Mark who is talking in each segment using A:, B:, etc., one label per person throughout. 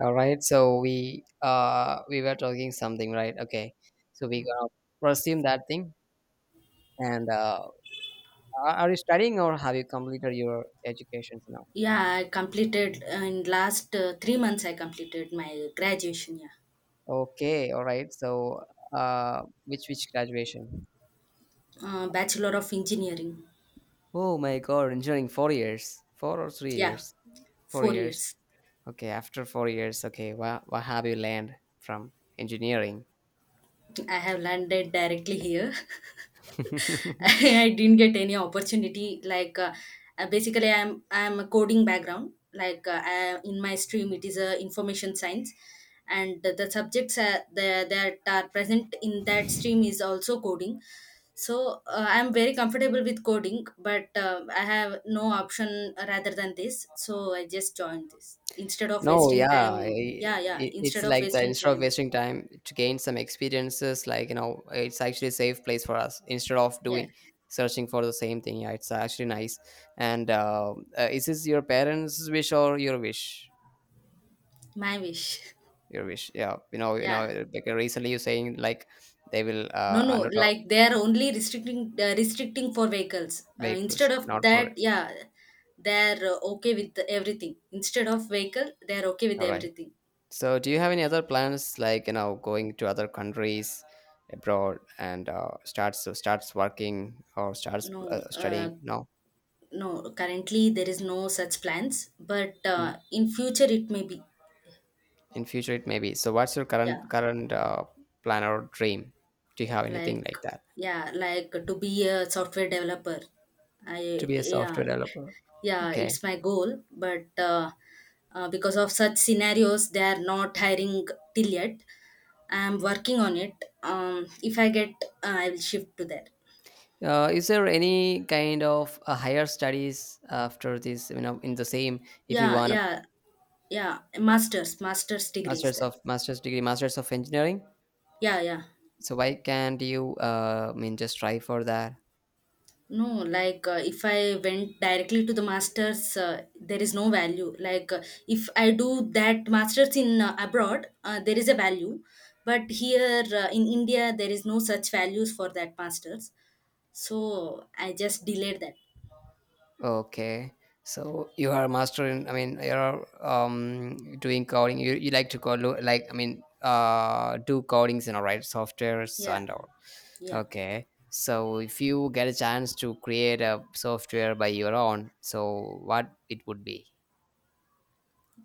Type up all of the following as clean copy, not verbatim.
A: All right, so we were talking something, right? Okay, so we gonna resume that thing. And are you studying or have you completed your education now?
B: Yeah, I completed in last 3 months. I completed my graduation. Yeah,
A: Okay, all right. So which graduation?
B: Bachelor of Engineering.
A: Oh my God, engineering 4 years, four or three
B: Yeah,
A: years, four
B: four
A: years.
B: years.
A: Okay, after 4 years, okay, what have you learned from engineering?
B: I have landed directly here. I didn't get any opportunity. Like basically, I'm a coding background. Like in my stream, it is information science, and the subjects that are present in that stream is also coding. So I'm very comfortable with coding, but I have no option rather than this. So I just joined this instead of
A: No,
B: wasting
A: yeah,
B: time. Yeah, yeah.
A: it's
B: Instead of
A: like that.
B: wasting
A: Instead of
B: time.
A: wasting time to gain some experiences, like it's actually a safe place for us instead of
B: Yeah,
A: doing searching for the same thing. Yeah, it's actually nice. And is this your parents' wish or your wish?
B: my wish.
A: Your wish. Yeah.
B: Yeah.
A: Like recently, you're saying like they will
B: No, no.
A: not
B: Like they are only restricting for vehicles. Instead
A: vehicles,
B: of
A: not for.
B: that, yeah, they are okay with everything. Instead of vehicle, they are okay with
A: All right.
B: everything.
A: So, do you have any other plans, like going to other countries abroad and starts working or starts
B: No,
A: studying? No,
B: no. Currently, there is no such plans, but
A: in
B: in future it may be.
A: in future it may be. So, what's your
B: Yeah,
A: current plan or dream? Do you have anything
B: like
A: like that
B: yeah, like to be a software developer.
A: to
B: I
A: be a
B: Yeah,
A: software developer?
B: yeah,
A: Okay.
B: it's my goal, but because of such scenarios, they are not hiring till yet. I am working on it. If I get, I will shift to there.
A: Is there any kind of higher studies after this? You know, in the same, if you
B: Yeah,
A: want a
B: yeah, yeah. Masters degree is
A: master's
B: there.
A: of master's degree, master's of engineering.
B: Yeah, yeah.
A: So why can't you? I mean, just try for that.
B: No, like if I went directly to the masters, there is no value. Like if I do that masters in abroad, there is a value, but here in India, there is no such values for that masters. So I just delayed that.
A: Okay. So you are a master in, I mean, you're doing coding. You like to code, like, I mean, do codings and all right, softwares
B: Yeah,
A: and all.
B: yeah.
A: Okay. So if you get a chance to create a software by your own, so what it would be?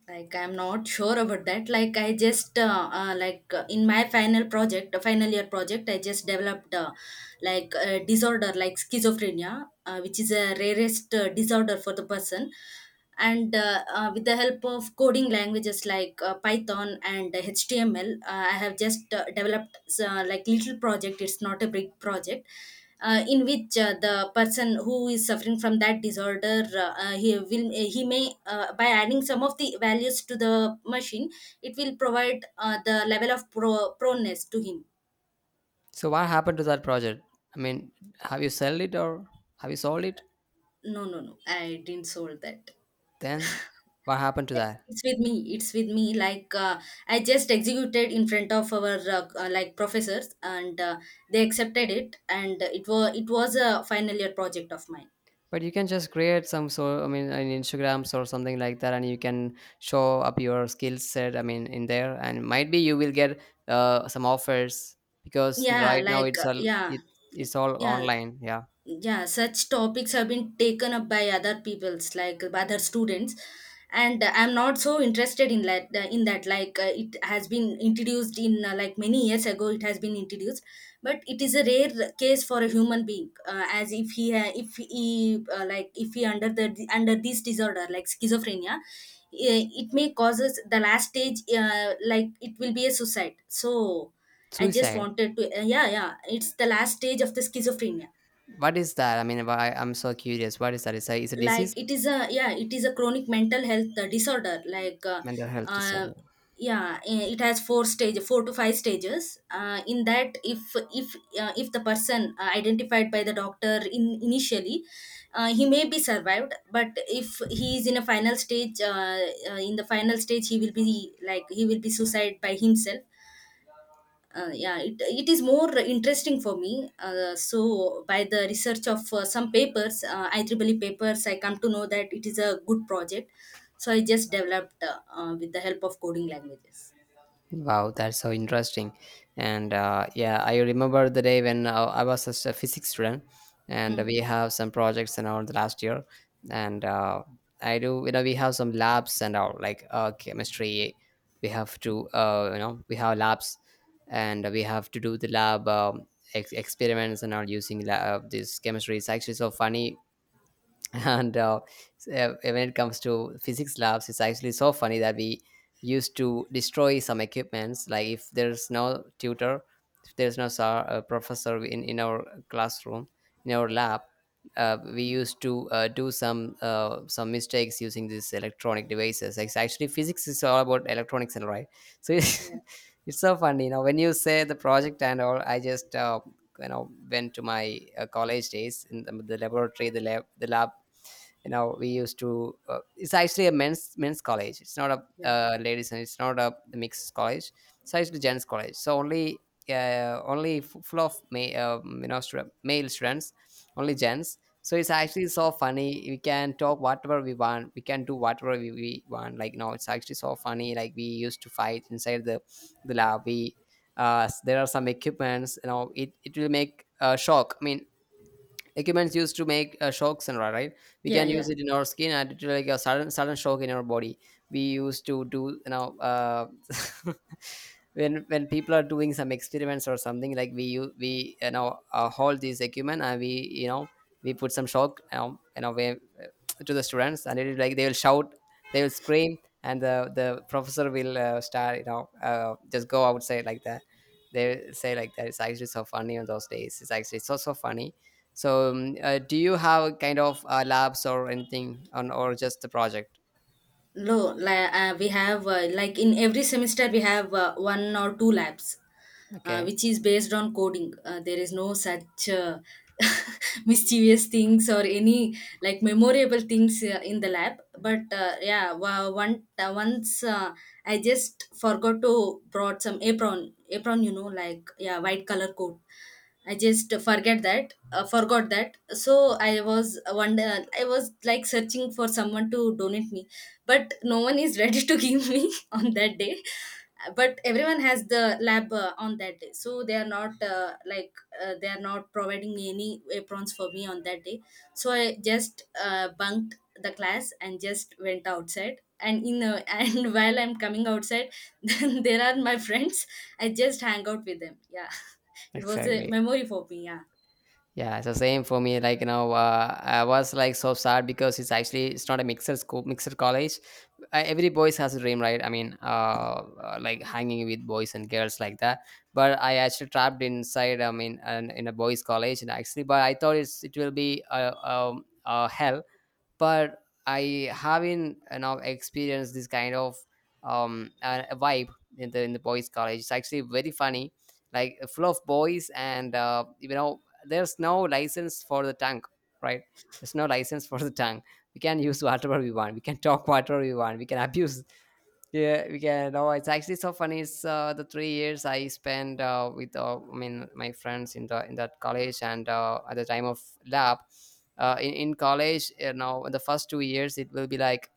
B: Like I'm not sure about that. Like I just, in my final project final year project, I just developed, like a disorder, like schizophrenia, which is a rarest disorder for the person. And with the help of coding languages like Python and HTML, I have just developed like little project. It's not a big project, in which the person who is suffering from that disorder, he may, by adding some of the values to the machine, it will provide the level of proneness to him.
A: So what happened to that project? I mean, have you sold it or have you sold it?
B: No, no, no, I didn't sold that.
A: Then what happened to
B: Yeah,
A: that?
B: it's with me, like, I just executed in front of our like professors, and they accepted it, and it was a final year project of mine.
A: But you can just create some sort, I mean, an Instagrams or something like that, and you can show up your skill set, I mean, in there, and might be you will get some offers, because
B: Yeah,
A: right now
B: like,
A: it's all
B: yeah.
A: it, it's all
B: Yeah,
A: online, yeah.
B: yeah, such topics have been taken up by other people's, like, by other students. And I'm not so interested in that. Like, it has been introduced in like, many years ago, it has been introduced. But it is a rare case for a human being, as if if he, like, if he under this disorder, like schizophrenia. It may causes the last stage, like it will be a suicide, so I just
A: Suicide.
B: wanted to, yeah, yeah, it's the last stage of the schizophrenia.
A: What is that? I mean, why I'm so curious, what is that? It's a disease.
B: Like, it is a, yeah, it is a chronic mental health, disorder. Like,
A: Mental health
B: uh,
A: disorder.
B: yeah, it has four to five stages, in that, if, if if the person, identified by the doctor in initially, he may be survived, but if he is in a final stage, in the final stage, he will be suicide by himself. Yeah, it is more interesting for me, so by the research of some papers, IEEE papers, I come to know that it is a good project. So I just developed, with the help of coding languages.
A: Wow, that's so interesting. And yeah, I remember the day when I was just a physics student, and
B: Hmm.
A: we have some projects and all the last year. And I do, you know, we have some labs and all, like chemistry. We have to, you know, we have labs, and we have to do the lab experiments and all using this chemistry. It's actually so funny. And when it comes to physics labs, it's actually so funny that we used to destroy some equipments, like if there's no tutor, if there's no professor in our classroom, in our lab, we used to do some mistakes using these electronic devices. It's actually, physics is all about electronics, and right, so it's,
B: Yeah,
A: it's so funny, when you say the project and all, I just went to my college days in the laboratory, the lab. You know, we used to it's actually a men's college. It's not a
B: yeah,
A: ladies, and it's not a mixed college. It's actually gents college, so only full of male students. Only gents. So it's actually so funny, we can talk whatever we want, we can do whatever we want, like. No, it's actually so funny. Like, we used to fight inside the lab. There are some equipments, it will make a shock, I mean. Equipments used to make shocks and all, right? We
B: yeah,
A: can use
B: yeah.
A: it in our skin and it will like a sudden shock in our body. We used to do. When people are doing some experiments or something, like we hold this equipment, and we put some shock to the students, and it is like they will shout. They will scream, and the professor will start, just go outside, like that. They say like that. It's actually so funny on those days. It's actually so funny. So do you have kind of labs or anything on, or just the project?
B: No, like, we have, like, in every semester, we have one or two labs,
A: Okay.
B: which is based on coding. There is no such mischievous things or any, like, memorable things, in the lab. But yeah, once, I just forgot to brought some apron, you know, like, yeah, white color coat. I just forgot that. So, I was one day, I was like searching for someone to donate me, but no one is ready to give me on that day. But everyone has the lab on that day, so they are not providing any aprons for me on that day. So I just bunked the class and just went outside. And in And while I'm coming outside, then there are my friends. I just hang out with them. Yeah. It was a
A: Exactly.
B: memory for me. Yeah.
A: Yeah, so same for me. Like, I was like so sad because it's actually it's not a mixer school, mixer college. Every boys has a dream, right? I mean, like hanging with boys and girls like that. But I actually trapped inside. I mean, in a boys' college, and actually, but I thought it will be a hell, but I haven't now experienced this kind of a vibe in the boys' college. It's actually very funny, like full of boys, and there's no license for the tongue, right? There's no license for the tongue. We can use whatever we want. We can talk whatever we want. We can abuse, yeah, we can. No, it's actually so funny. It's the 3 years I spent with, I mean, my friends in the in that college, and at the time of lab, in college, the first 2 years it will be like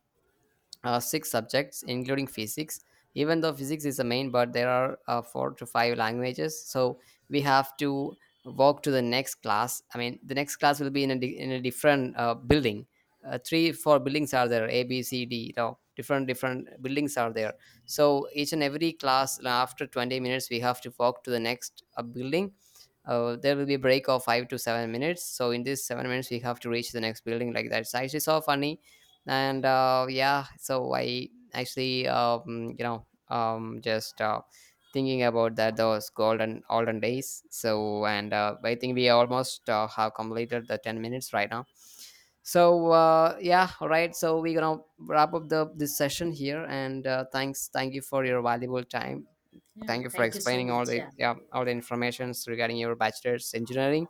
A: six subjects including physics, even though physics is the main, but there are four to five languages. So we have to walk to the next class, I mean, the next class will be in a different building. Three four buildings are there, a b c d, different buildings are there. So each and every class, after 20 minutes we have to walk to the next building. There will be a break of 5 to 7 minutes, so in these 7 minutes we have to reach the next building, like that. It's actually so funny. And yeah, so I actually just thinking about that those golden olden days. So, and I think we almost have completed the 10 minutes right now. So yeah, all right, so we're gonna wrap up the this session here, and thank you for your valuable time.
B: Yeah.
A: Thank you for
B: Thank you so
A: explaining all
B: much.
A: the
B: Yeah.
A: yeah all the informations regarding your bachelor's engineering.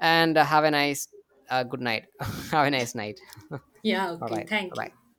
A: And have a nice, good night. Have a nice night. All
B: Yeah. Okay.
A: right,
B: Thank you.
A: bye.